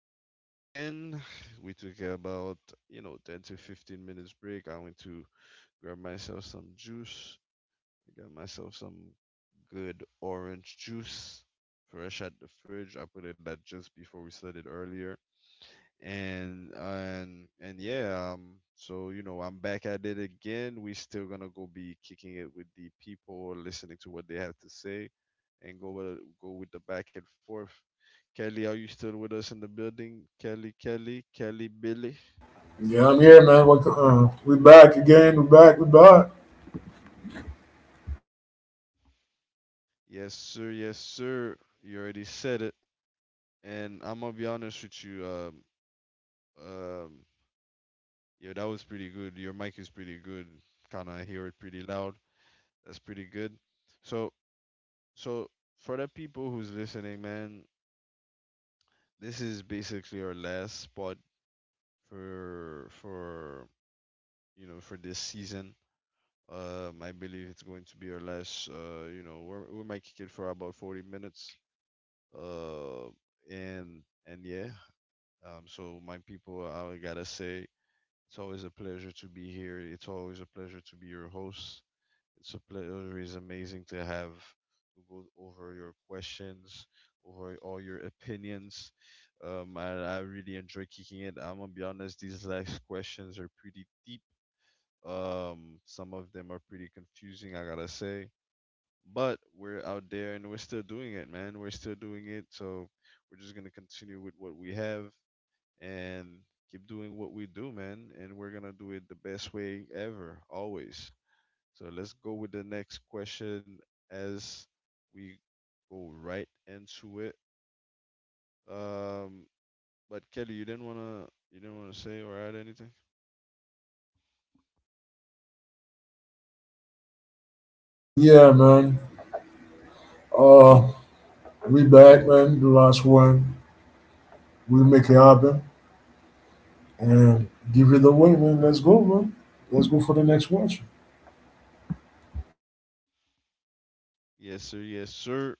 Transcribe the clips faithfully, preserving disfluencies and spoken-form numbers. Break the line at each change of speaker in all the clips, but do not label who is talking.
back at it again. We took about, you know, ten to fifteen minutes break. I went to grab myself some juice. I got myself some good orange juice, fresh at the fridge. I put it that just before we started earlier and and and yeah. Um so you know I'm back at it again. We still gonna go be kicking it with the people listening to what they have to say and go with go with the back and forth. Kelly, are you still with us in the building? Kelly, kelly kelly Billy?
Yeah, I'm here, man. What, uh, we back again. We back. We back.
Yes sir, yes sir. You already said it. And I'm gonna be honest with you. um um yeah, that was pretty good. Your mic is pretty good. Kind of hear it pretty loud. That's pretty good. So So for the people who's listening, man, this is basically our last spot for for you know for this season. Um, I believe it's going to be our last. Uh, you know, we're, we might kick it for about forty minutes. Uh, and and yeah. Um, so my people, I gotta say, it's always a pleasure to be here. It's always a pleasure to be your host. It's a pleasure. It's amazing to have to go over your questions, over all your opinions. Um, I, I really enjoy kicking it. I'm gonna be honest. These last questions are pretty deep. Um, some of them are pretty confusing. I gotta say, but we're out there and we're still doing it, man. We're still doing it. So we're just gonna continue with what we have and keep doing what we do, man. And we're gonna do it the best way ever, always. So let's go with the next question as we go right into it. Um, but Kelly, you didn't wanna you didn't wanna say or add anything?
Yeah, man. Uh, we back, man. The last one. We make it happen and give it away, man. Let's go, man. Let's go for the next watch.
Yes, sir. Yes, sir.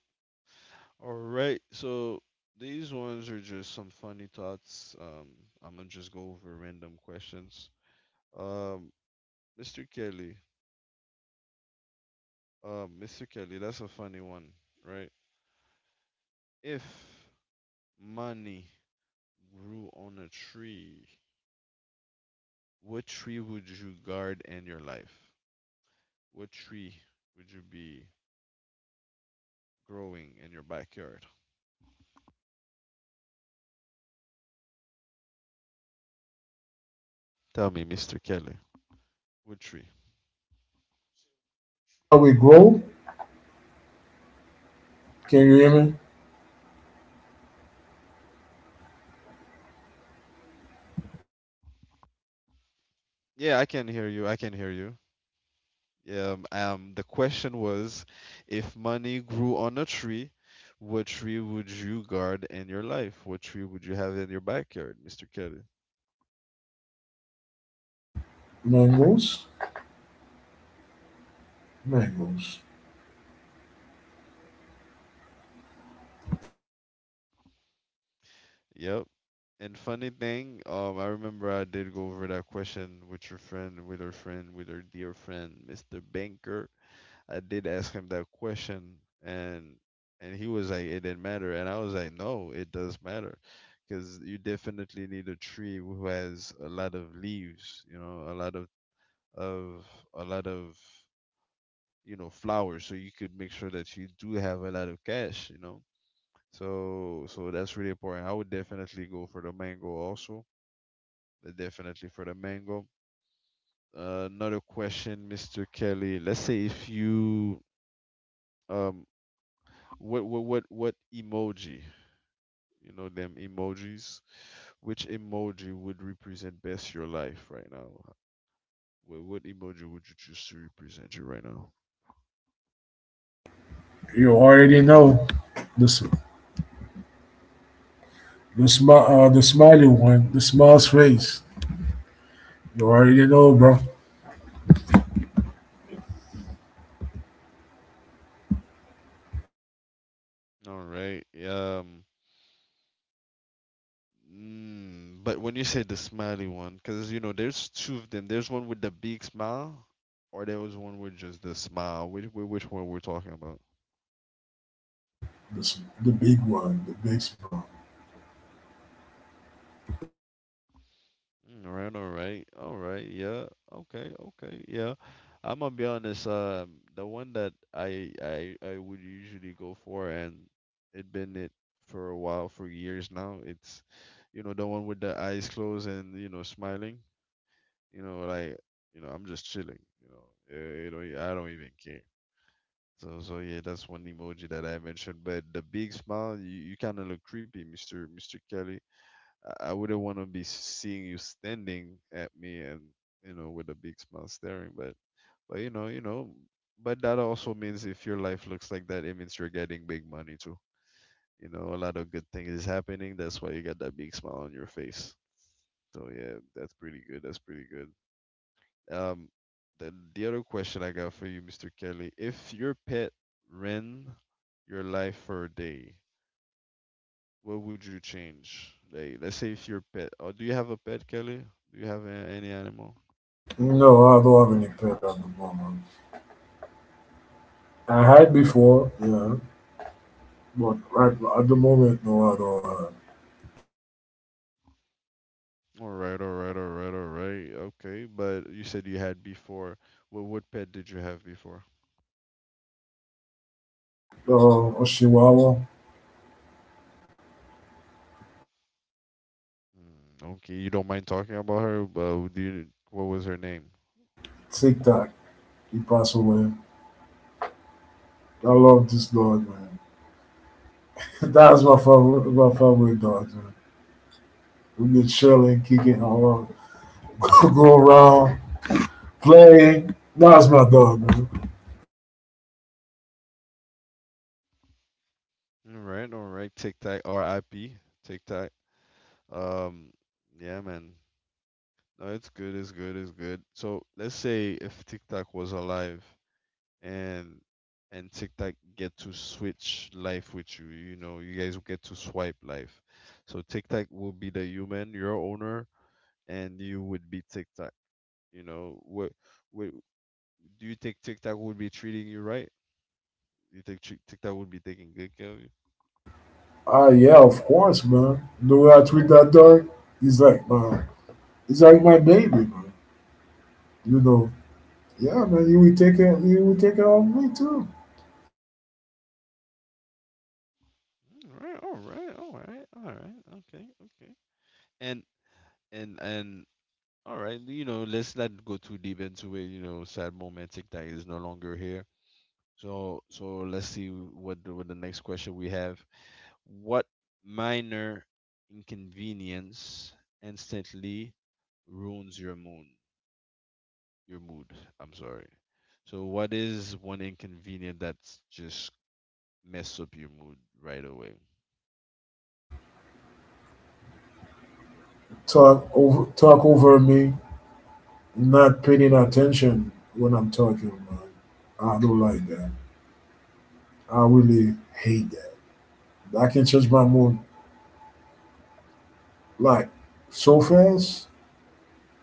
All right. So these ones are just some funny thoughts. Um, I'm gonna just go over random questions. Um, mister Kelly. Um, mister Kelly, that's a funny one, right? If money grew on a tree, what tree would you guard in your life? What tree would you be growing in your backyard? Tell me, mister Kelly. What tree?
How we grow? Can you hear me?
Yeah, I can hear you. I can hear you. Yeah. Um, um, the question was, if money grew on a tree, what tree would you guard in your life? What tree would you have in your backyard, mister Kelly?
Mangoes, mangoes.
Yep. And funny thing, um, I remember I did go over that question with your friend, with our friend, with our dear friend, mister Banker. I did ask him that question, and and he was like, "It didn't matter," and I was like, "No, it does matter, because you definitely need a tree who has a lot of leaves, you know, a lot of of a lot of, you know, flowers, so you could make sure that you do have a lot of cash, you know." So so that's really important. I would definitely go for the mango also. uh, Definitely for the mango. Uh, another question, mister Kelly. Let's say if you um What what what what emoji? You know them emojis. Which emoji would represent best your life right now? What what emoji would you choose to represent you right now?
You already know this. The smile, uh, the smiley one, the smile's face. You already know, bro.
All right. Um. Mm, but when you say the smiley one, because you know there's two of them. There's one with the big smile, or there was one with just the smile. Which which which one we're talking about?
This, the big one, the big smile.
Mm. All right, all right, all right. Yeah. Okay. Okay. Yeah. I'm gonna be honest. Um, the one that I I I would usually go for, and it been it for a while, for years now. It's, you know, the one with the eyes closed and you know smiling. You know, like, you know, I'm just chilling. You know, eh, you know, yeah, I don't even care. So so yeah, that's one emoji that I mentioned. But the big smile, you, you kind of look creepy, Mister Mister Kelly. I I wouldn't want to be seeing you standing at me and you know with a big smile staring. But but you know you know. But that also means if your life looks like that, it means you're getting big money too. You know, a lot of good things is happening. That's why you got that big smile on your face. So yeah, that's pretty good. That's pretty good. Um, the the other question I got for you, mister Kelly, if your pet ran your life for a day, what would you change? Like, let's say if your pet, or do you have a pet, Kelly? Do you have a, any animal?
No, I don't have any pet at the moment. I had before, yeah, but right at the moment, no, I don't have.
All right, all right, all right, all right. Okay, but you said you had before. What what pet did you have before?
Uh, Oshiwawa,
Okay, you don't mind talking about her, but do you, what was her name?
Tic Tac, he passed away. I love this dog, man. That's my favorite, my favorite dog, man. We be chilling, kicking around, go around, playing. That's my dog, man.
All right, all right. Tic Tac, R I P. Tic Tac. Um, yeah, man. No, it's good, it's good, it's good. So let's say if Tic Tac was alive, and and TikTok get to switch life with you. You know, you guys will get to swipe life. So TikTok will be the human, your owner, and you would be TikTok. You know, what, what do you think TikTok would be treating you right? You think Tik- TikTok would be taking good care of you?
Ah, yeah, of course, man. The way I treat that dog, he's like my, he's like my baby, man. You know, yeah, man. He will take care, he will take care of me too.
All right, all right, all right, all right. Okay, okay. And and and all right, you know, let's not go too deep into it. You know, sad moment. TikTok is no longer here. So so let's see what the- what the next question we have. What minor inconvenience instantly ruins your mood? Your mood. I'm sorry. So what is one inconvenience that's just mess up your mood right away?
Talk over, talk over me not paying attention when I'm talking, man. I don't like that. I really hate that. I can change my mood like so fast.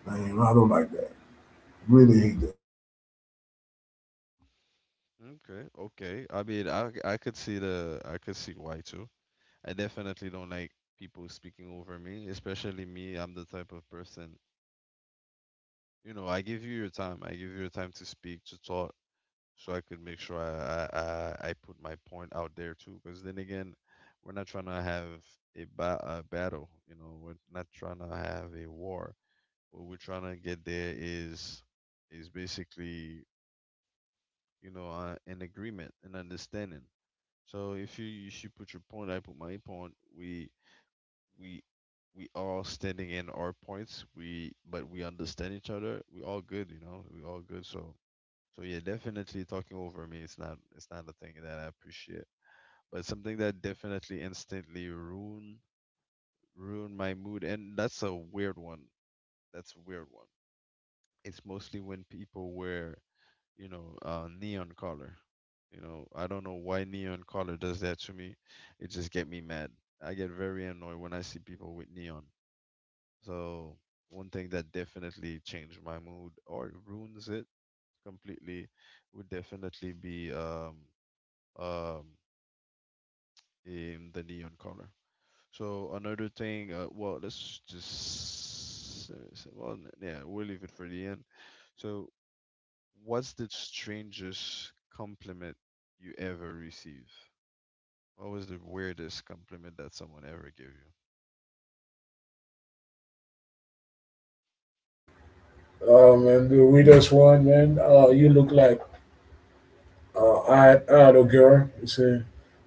Man, I don't like that. Really hate that.
Okay, okay. I mean, I I could see the, I could see why too. I definitely don't like people speaking over me, especially me. I'm the type of person, you know, I give you your time. I give you your time to speak, to talk, so I could make sure I, I, I I put my point out there too. Because then again, we're not trying to have a, ba- a battle, you know, we're not trying to have a war. What we're trying to get there is is basically, you know, uh, an agreement, an understanding. So if you if you put your point, I put my point. We we we all standing in our points. We, but we understand each other. We all good, you know. We all good. So so yeah, definitely talking over me. It's not. It's not a thing that I appreciate, but something that definitely instantly ruin ruin my mood. And that's a weird one. That's a weird one. It's mostly when people wear, you know, uh, neon color. You know, I don't know why neon color does that to me. It just get me mad. I get very annoyed when I see people with neon. So one thing that definitely changed my mood or ruins it completely would definitely be um um, in the neon color. So another thing, uh, well, let's just uh, s- well, n- yeah, we'll leave it for the end. So, what's the strangest compliment you ever receive? What was the weirdest compliment that someone ever gave you?
Oh man, the weirdest one, man. Uh, you look like uh, I, I had a girl. You say,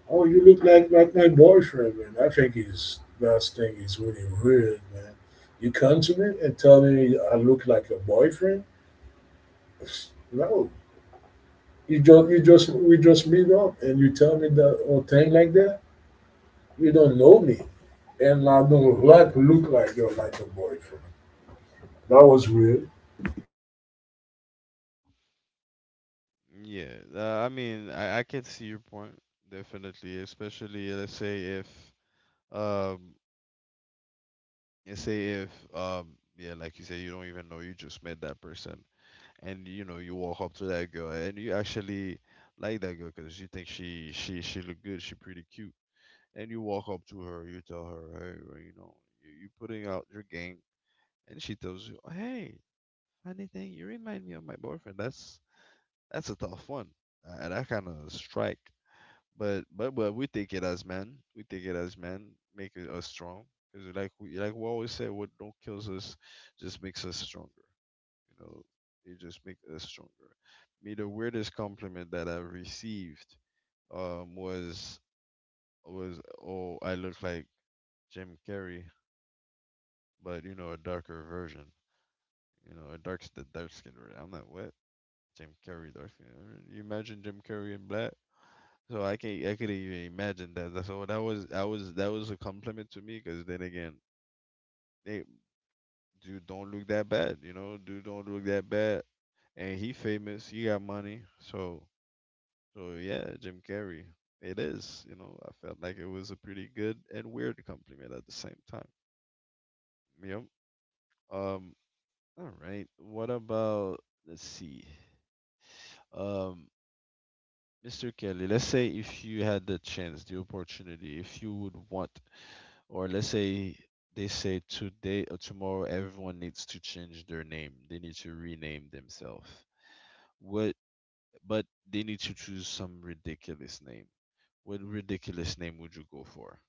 oh, you look like like my boyfriend, man. I think his last thing is really weird, man. You come to me and tell me I look like your boyfriend? No, you just you just we just meet up and you tell me that or thing like that. You don't know me, and I don't like look like you're like a boyfriend. That was weird.
Yeah, uh, I mean, I, I can see your point definitely, especially let's say if um, let's say if um, yeah, like you say, you don't even know, you just met that person, and you know you walk up to that girl and you actually like that girl because you think she she she look good, she pretty cute, and you walk up to her, you tell her hey, well, you know, you, you putting out your game, and she tells you hey, funny thing, you remind me of my boyfriend. That's that's a tough one. Uh, that kind of strike, but but but we take it as men, we take it as men make it us strong, because like we like we always say what don't kills us just makes us stronger. You know, it just makes us stronger. Me, the weirdest compliment that I've received, um, was was oh, I look like Jim Carrey, but you know, a darker version. You know, a dark the dark skinned version. I'm like, what? Jim Carrey, dark skin. You imagine Jim Carrey in black? So I can not, I couldn't even imagine that. That's- So that was that was that was a compliment to me, because then again, hey, dude, don't look that bad. You know, dude, don't look that bad. And he famous. He got money. So So yeah, Jim Carrey. It is, you know, I felt like it was a pretty good and weird compliment at the same time. Yep. Um, all right. What about, let's see. Um, mister Kelly, let's say if you had the chance, the opportunity, if you would want, or let's say they say today or tomorrow everyone needs to change their name. They need to rename themselves. What but they need to choose some ridiculous name. What ridiculous name would you go for?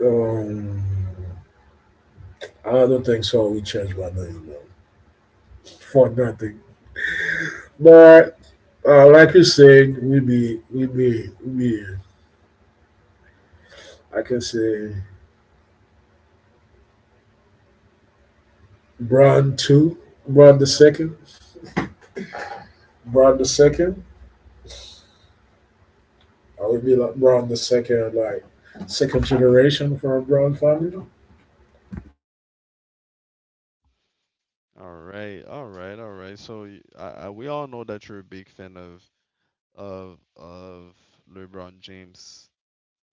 Um, I don't think so. We changed my name though for nothing. But uh, like you said, we be we be we be I can say Brown two, Brown the second, Brown the second. I would be like Brown the second, like second generation from a Brown family.
All right, all right, all right. So y- I, I, we all know that you're a big fan of of of LeBron James.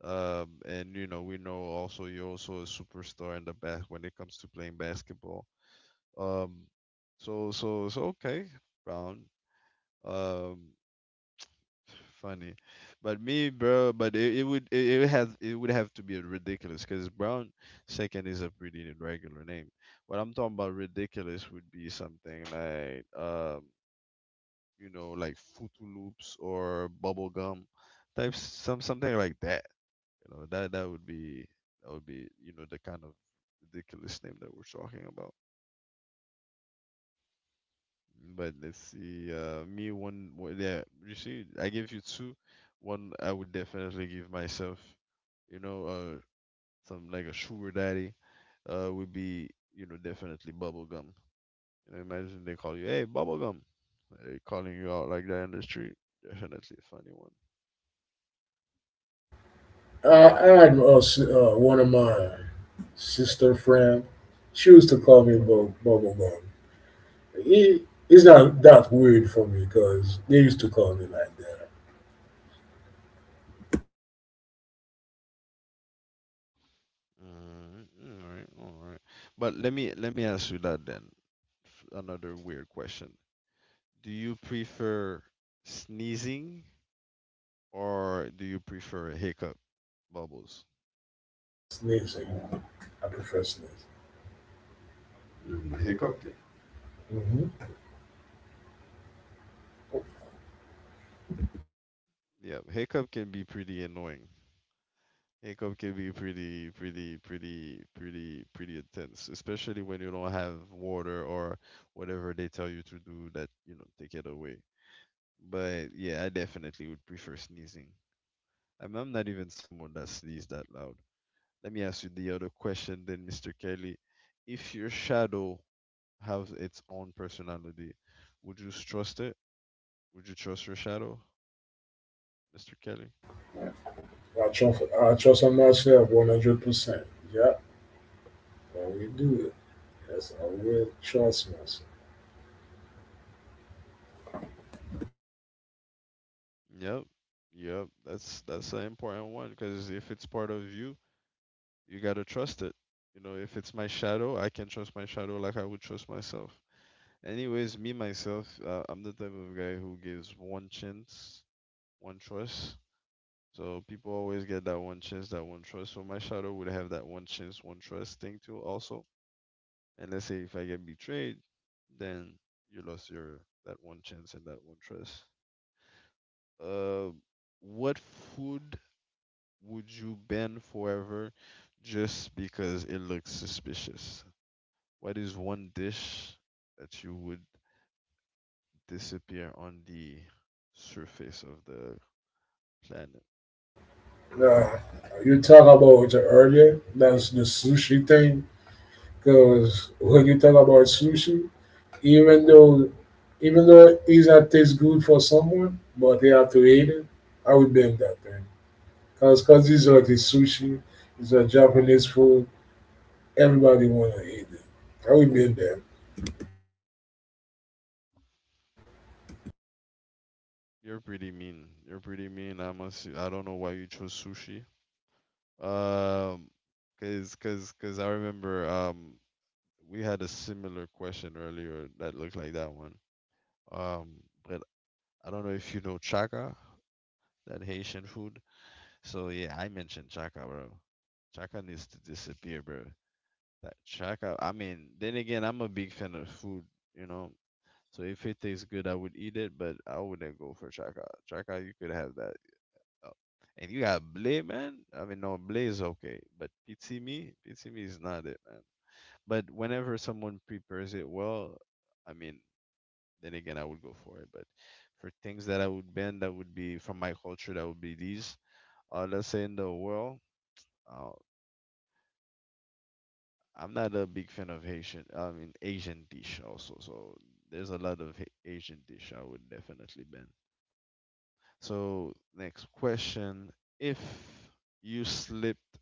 Um, and you know we know also you're also a superstar in the bas when it comes to playing basketball. Um, so so so okay, Brown. Um, funny, but me, bro. But it, it would it, it has it would have to be ridiculous because Brown second is a pretty regular name. What I'm talking about ridiculous would be something like um you know, like Fruity Loops or bubble gum type some something like that. You know, that that would be that would be you know the kind of ridiculous name that we're talking about. But let's see, uh, me one one- yeah. You see, I gave you two. One I would definitely give myself. You know, uh, some like a sugar daddy, uh, would be you know definitely bubble gum. You know, imagine they call you, hey, bubble gum. They're calling you out like that in the street. Definitely a funny one.
Uh, I had uh, s- uh, one of my sister friend. She used to call me bu- bubblegum. It, it's not that weird for me because they used to call me like that.
Alright, alright, alright. But let me let me ask you that then. F- Another weird question. Do you prefer sneezing or do you prefer hiccup bubbles?
Sneeze, and I prefer sneeze.
Mm, hiccup can,
Hmm.
yeah, hiccup can be pretty annoying. Hiccup can be pretty pretty pretty pretty pretty intense, especially when you don't have water or whatever they tell you to do that, you know, take it away. But yeah, I definitely would prefer sneezing. I'm, I'm not even someone that sneezes that loud. Let me ask you the other question then, mister Kelly. If your shadow has its own personality, would you trust it? Would you trust your shadow, mister Kelly?
I trust I trust on myself one hundred percent. Yeah, I will do it. Yes, I will trust myself.
Yep. Yep. That's that's an important one because if it's part of you, you gotta trust it. You know, if it's my shadow, I can trust my shadow like I would trust myself. Anyways, me myself, uh, I'm the type of guy who gives one chance, one trust. So people always get that one chance, that one trust. So my shadow would have that one chance, one trust thing too also. And let's say if I get betrayed, then you lost your that one chance and that one trust. Uh, what food would you ban forever just because it looks suspicious? What is one dish that you would disappear on the surface of the planet?
Now, you talk about it earlier. That's the sushi thing. Because when you talk about sushi, even though even though it's not taste good for someone, but they have to eat it, I would bend that thing. Cause, cause these are the sushi, these are Japanese food. Everybody wanna eat it. I would bend that.
You're pretty mean. You're pretty mean. I must. I don't know why you chose sushi. Um, cause, cause, cause, I remember um we had a similar question earlier that looked like that one. Um, but I don't know if you know chaka, that Haitian food. So yeah, I mentioned chaka, bro. Chaka needs to disappear, bro. That chaka. I mean, then again, I'm a big fan of food, you know. So if it tastes good, I would eat it, but I wouldn't go for chaka. Chaka, you could have that up. And you got Blay, man. I mean, no, Blay is okay, but Pitimi, Pitimi is not it, man. But whenever someone prepares it well, I mean, then again, I would go for it. But for things that I would bend, that would be from my culture, that would be these. Uh, let's say in the world, uh, I'm not a big fan of Haitian, I mean, Asian dish also. So there's a lot of Ha- Asian dish I would definitely bend. So next question, if you slipped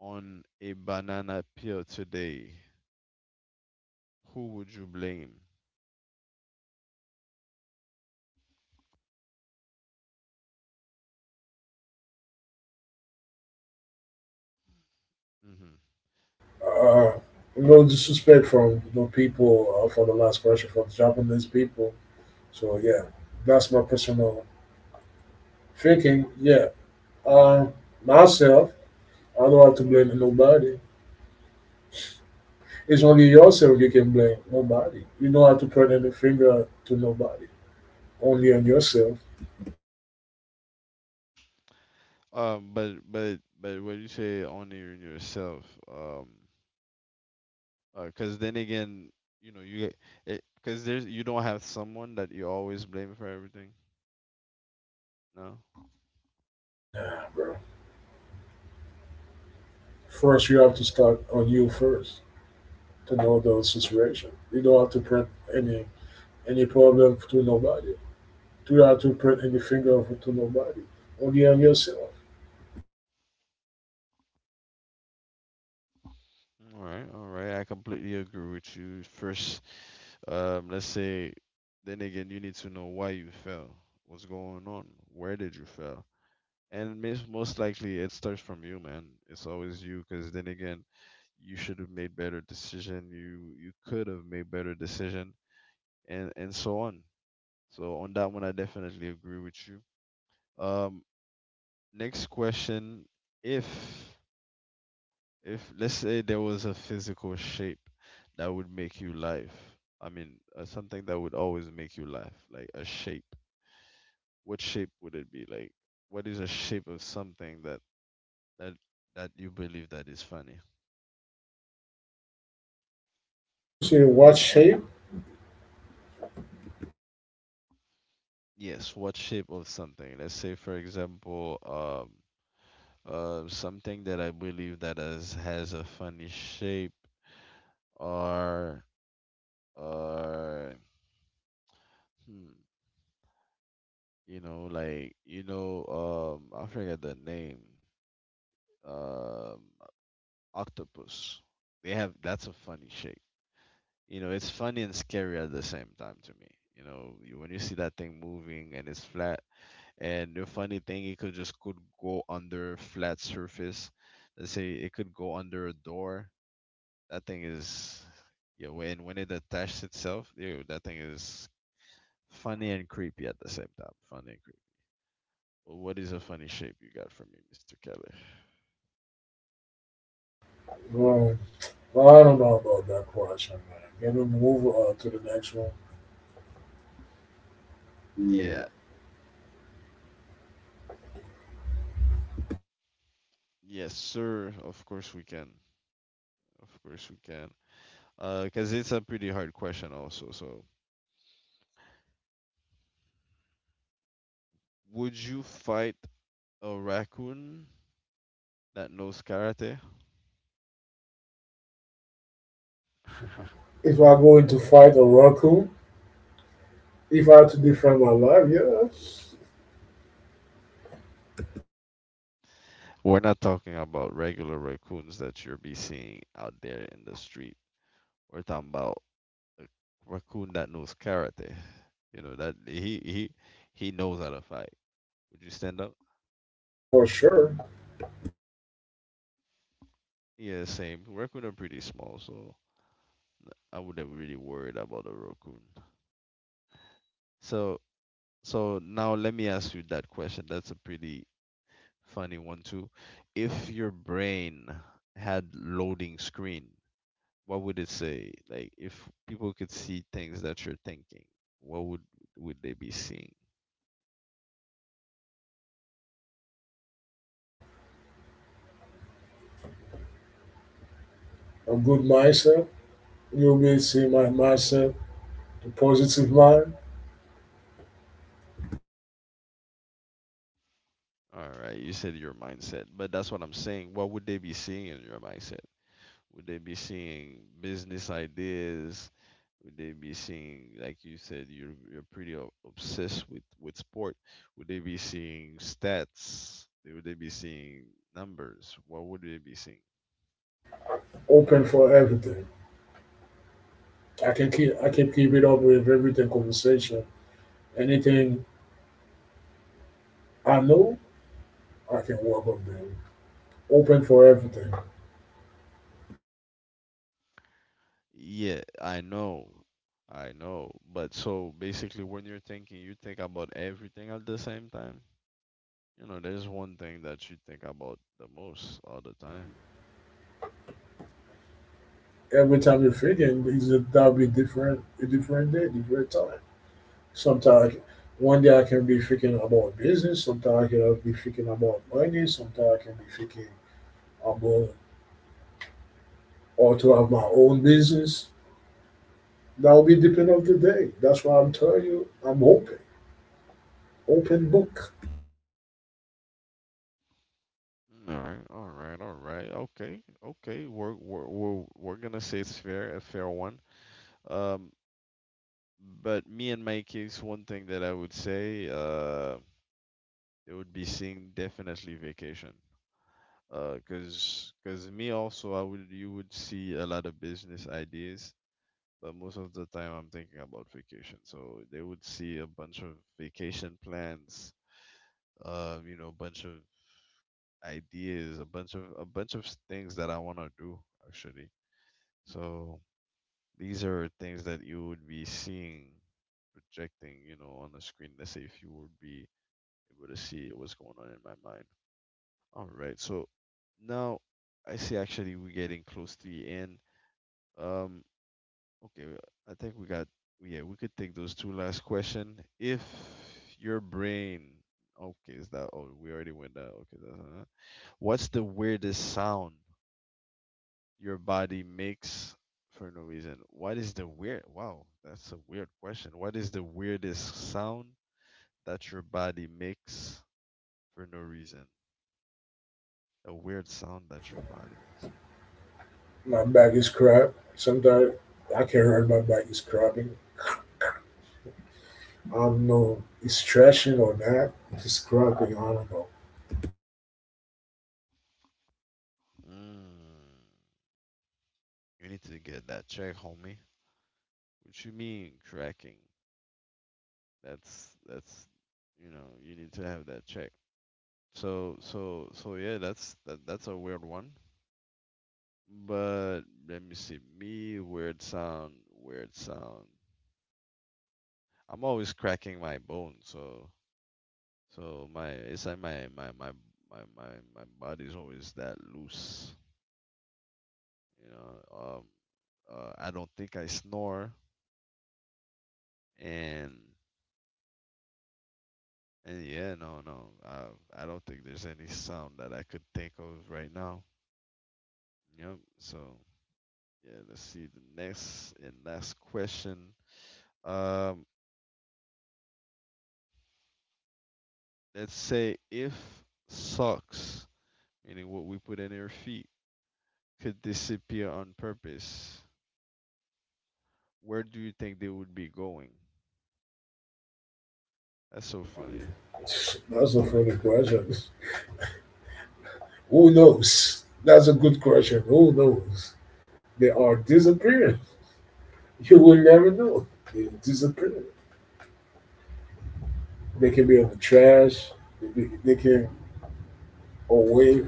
on a banana peel today, who would you blame? Hmm.
Uh, no disrespect from the people uh, for the last question for the Japanese people. So yeah, that's my personal thinking. Yeah, uh, myself, I don't have to blame nobody. It's only yourself you can blame, nobody. You know how to point any finger to nobody, only on yourself,
Um, but but but when you say only in yourself, um, because then again, you know, you get because there's you don't have someone that you always blame for everything. No.
bro. First, you have to start on you first to know the situation. You don't have to point any any problem to nobody. You don't have to point any finger to nobody, only on yourself.
All right, all right. I completely agree with you. First, um, let's say, then again, you need to know why you fell, what's going on, where did you fail, and mis- most likely it starts from you, man. It's always you, because then again, you should have made better decision you you could have made better decision and and so on so on. That one I definitely agree with you. Um, next question. If if let's say there was a physical shape that would make you laugh, I mean, uh, something that would always make you laugh, like a shape. What shape would it be like? What is a shape of something that that that you believe that is funny?
You say what shape?
Yes, what shape of something, let's say for example, um, uh, something that I believe that has, has a funny shape are are hmm, you know, like you know um I forget the name. Um, octopus. They have that's a funny shape. You know, it's funny and scary at the same time to me. You know, you, when you see that thing moving and it's flat, and the funny thing, it could just could go under flat surface. Let's say it could go under a door. That thing is, yeah. When when it attaches itself, ew, that thing is funny and creepy at the same time. Funny and creepy. Well, what is a funny shape you got for me, mister Kelly?
Well, I don't know about that question, man. Can we move uh, to the next one?
Yeah. Yes, sir. Of course we can. Of course we can. Uh, because it's a pretty hard question also. So, would you fight a raccoon that knows karate?
If I go into fight a raccoon, if I had to defend my life, yeah,
We're not talking about regular raccoons that you'll be seeing out there in the street. We're talking about a raccoon that knows karate. You know that he he he knows how to fight. Would you stand up?
for sure.
Yeah, same. Raccoon are pretty small, so I wouldn't really worried about a raccoon. So so now let me ask you that question. That's a pretty funny one too. If your brain had loading screen, what would it say? Like if people could see things that you're thinking, what would would they be seeing?
A good mindset. You'll be see my mindset, the positive mind,
All right, you said your mindset, but that's what I'm saying. What would they be seeing in your mindset? Would they be seeing business ideas? Would they be seeing, like you said, you're you're pretty o- obsessed with with sport? Would they be seeing stats? Would they be seeing numbers? What would they be seeing?
open for everything. I can keep I can keep it up with everything conversation. Anything I know, I can work on them. Open for everything.
Yeah, I know. I know. But so basically, when you're thinking, you think about everything at the same time. You know, there's one thing that you think about the most all the time.
Every time you're feeding, is a- that'll be different a different day, different time. Sometimes one day I can be thinking about business, sometimes I can be thinking about money, sometimes I can be thinking about or to have my own business. That'll be depend of the day. That's why I'm telling you, I'm open. Open book.
All right, all right, all right. Okay, okay. We're we're we're, we're gonna say it's fair, a fair one. Um, but me and my case, one thing that I would say, uh, it would be seeing definitely vacation. Uh, cause cause me also, I would you would see a lot of business ideas, but most of the time I'm thinking about vacation. So they would see a bunch of vacation plans, uh, you know, a bunch of ideas, a bunch of a bunch of things that I wanna do actually. So these are things that you would be seeing, projecting, you know, on the screen. Let's say if you would be able to see what's going on in my mind. All right. So now I see actually we're getting close to the end. Um, okay, well, I think we got, yeah, we could take those two last question. If your brain, okay, is that, oh, we already went that. Okay. That's, uh, what's the weirdest sound your body makes for no reason? What is the weird? Wow, that's a weird question. What is the weirdest sound that your body makes for no reason? A weird sound that your body makes.
My bag is crap. Sometimes I can not hurt my bag is crapping. I don't know it's stretching or not. It's crapping. I don't know.
Mm, you need to get that check, homie. What you mean cracking? That's that's you know you need to have that check. So so so yeah, that's that that's a weird one. But let me see. Me weird sound, weird sound. I'm always cracking my bone, so so my it's like my my my my my, my body's always that loose. You know, um, uh, I don't think I snore, and and yeah, no, no, I I don't think there's any sound that I could think of right now. Yep. So yeah, let's see the next and last question. Um, let's say if socks, meaning what we put in our feet, could disappear on purpose, where do you think they would be going? That's so funny.
That's a funny question. Who knows? That's a good question. Who knows? They are disappearing. You will never know. They disappear. They can be in the trash. They, they can away.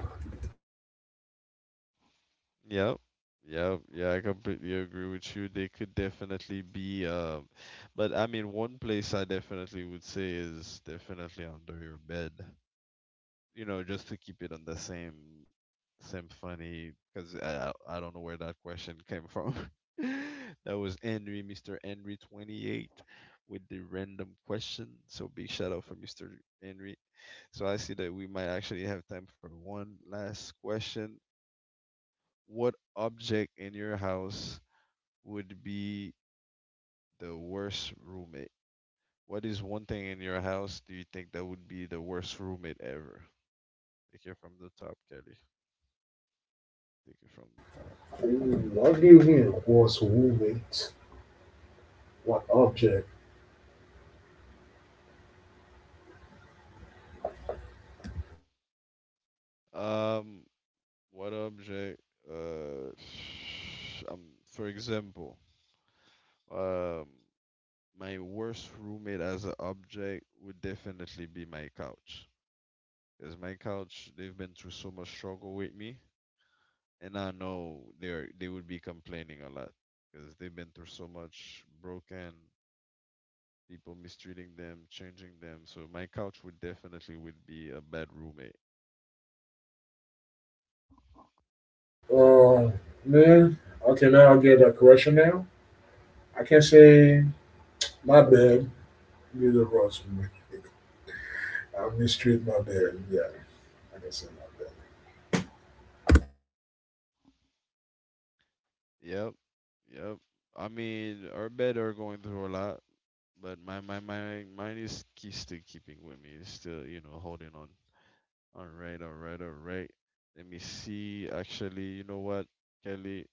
Yep. Yep. Yeah, I completely agree with you. They could definitely be, um, but I mean one place I definitely would say is definitely under your bed. You know, just to keep it on the same same funny, cuz I I I don't know where that question came from. That was Henry, mister Henry twenty-eight with the random question. So big shout out for mister Henry. So I see that we might actually have time for one last question. What object in your house would be the worst roommate? What is one thing in your house do you think that would be the worst roommate ever? Take it from the top, Kelly. Take it from the top.
Ooh, I you him was roommate. What object?
Um, what object? Uh, um, for example, um, my worst roommate as an object would definitely be my couch. Because my couch, they've been through so much struggle with me, and I know they're they would be complaining a lot because they've been through so much broken people mistreating them, changing them. So my couch would definitely would be a bad roommate.
Um, man. Okay, now I'll get a correction now. I can say my bad. Neither was me. I mistreat my bad. Yeah, I can say my bad.
Yep, yep. I mean, our bed are going through a lot, but my my my mine is key still keeping with me. It's still you know holding on. All right, all right, all right. Let me see. Actually, you know what, Kelly?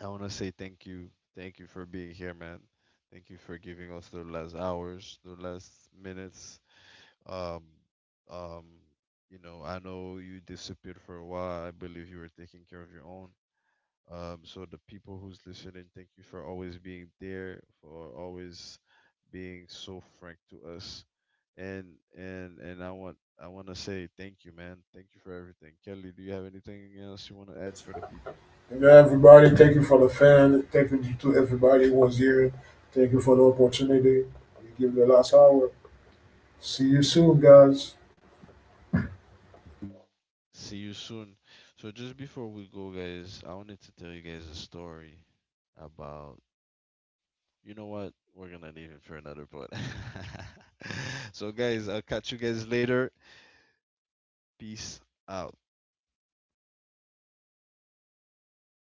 I want to say thank you. Thank you for being here, man. Thank you for giving us the last hours, the last minutes. Um, um, you know, I know you disappeared for a while. I believe you were taking care of your own. Um, so the people who's listening, thank you for always being there, for always being so frank to us. And and and I want I want to say thank you, man. Thank you for everything. Kelly, do you have anything else you want to add for the people?
And then everybody, thank you for the fan. Thank you to everybody who was here. Thank you for the opportunity. We give it the last hour. See you soon, guys.
See you soon. So just before we go, guys, I wanted to tell you guys a story about. You know what? We're gonna leave it for another part. So, guys, I'll catch you guys later. Peace out.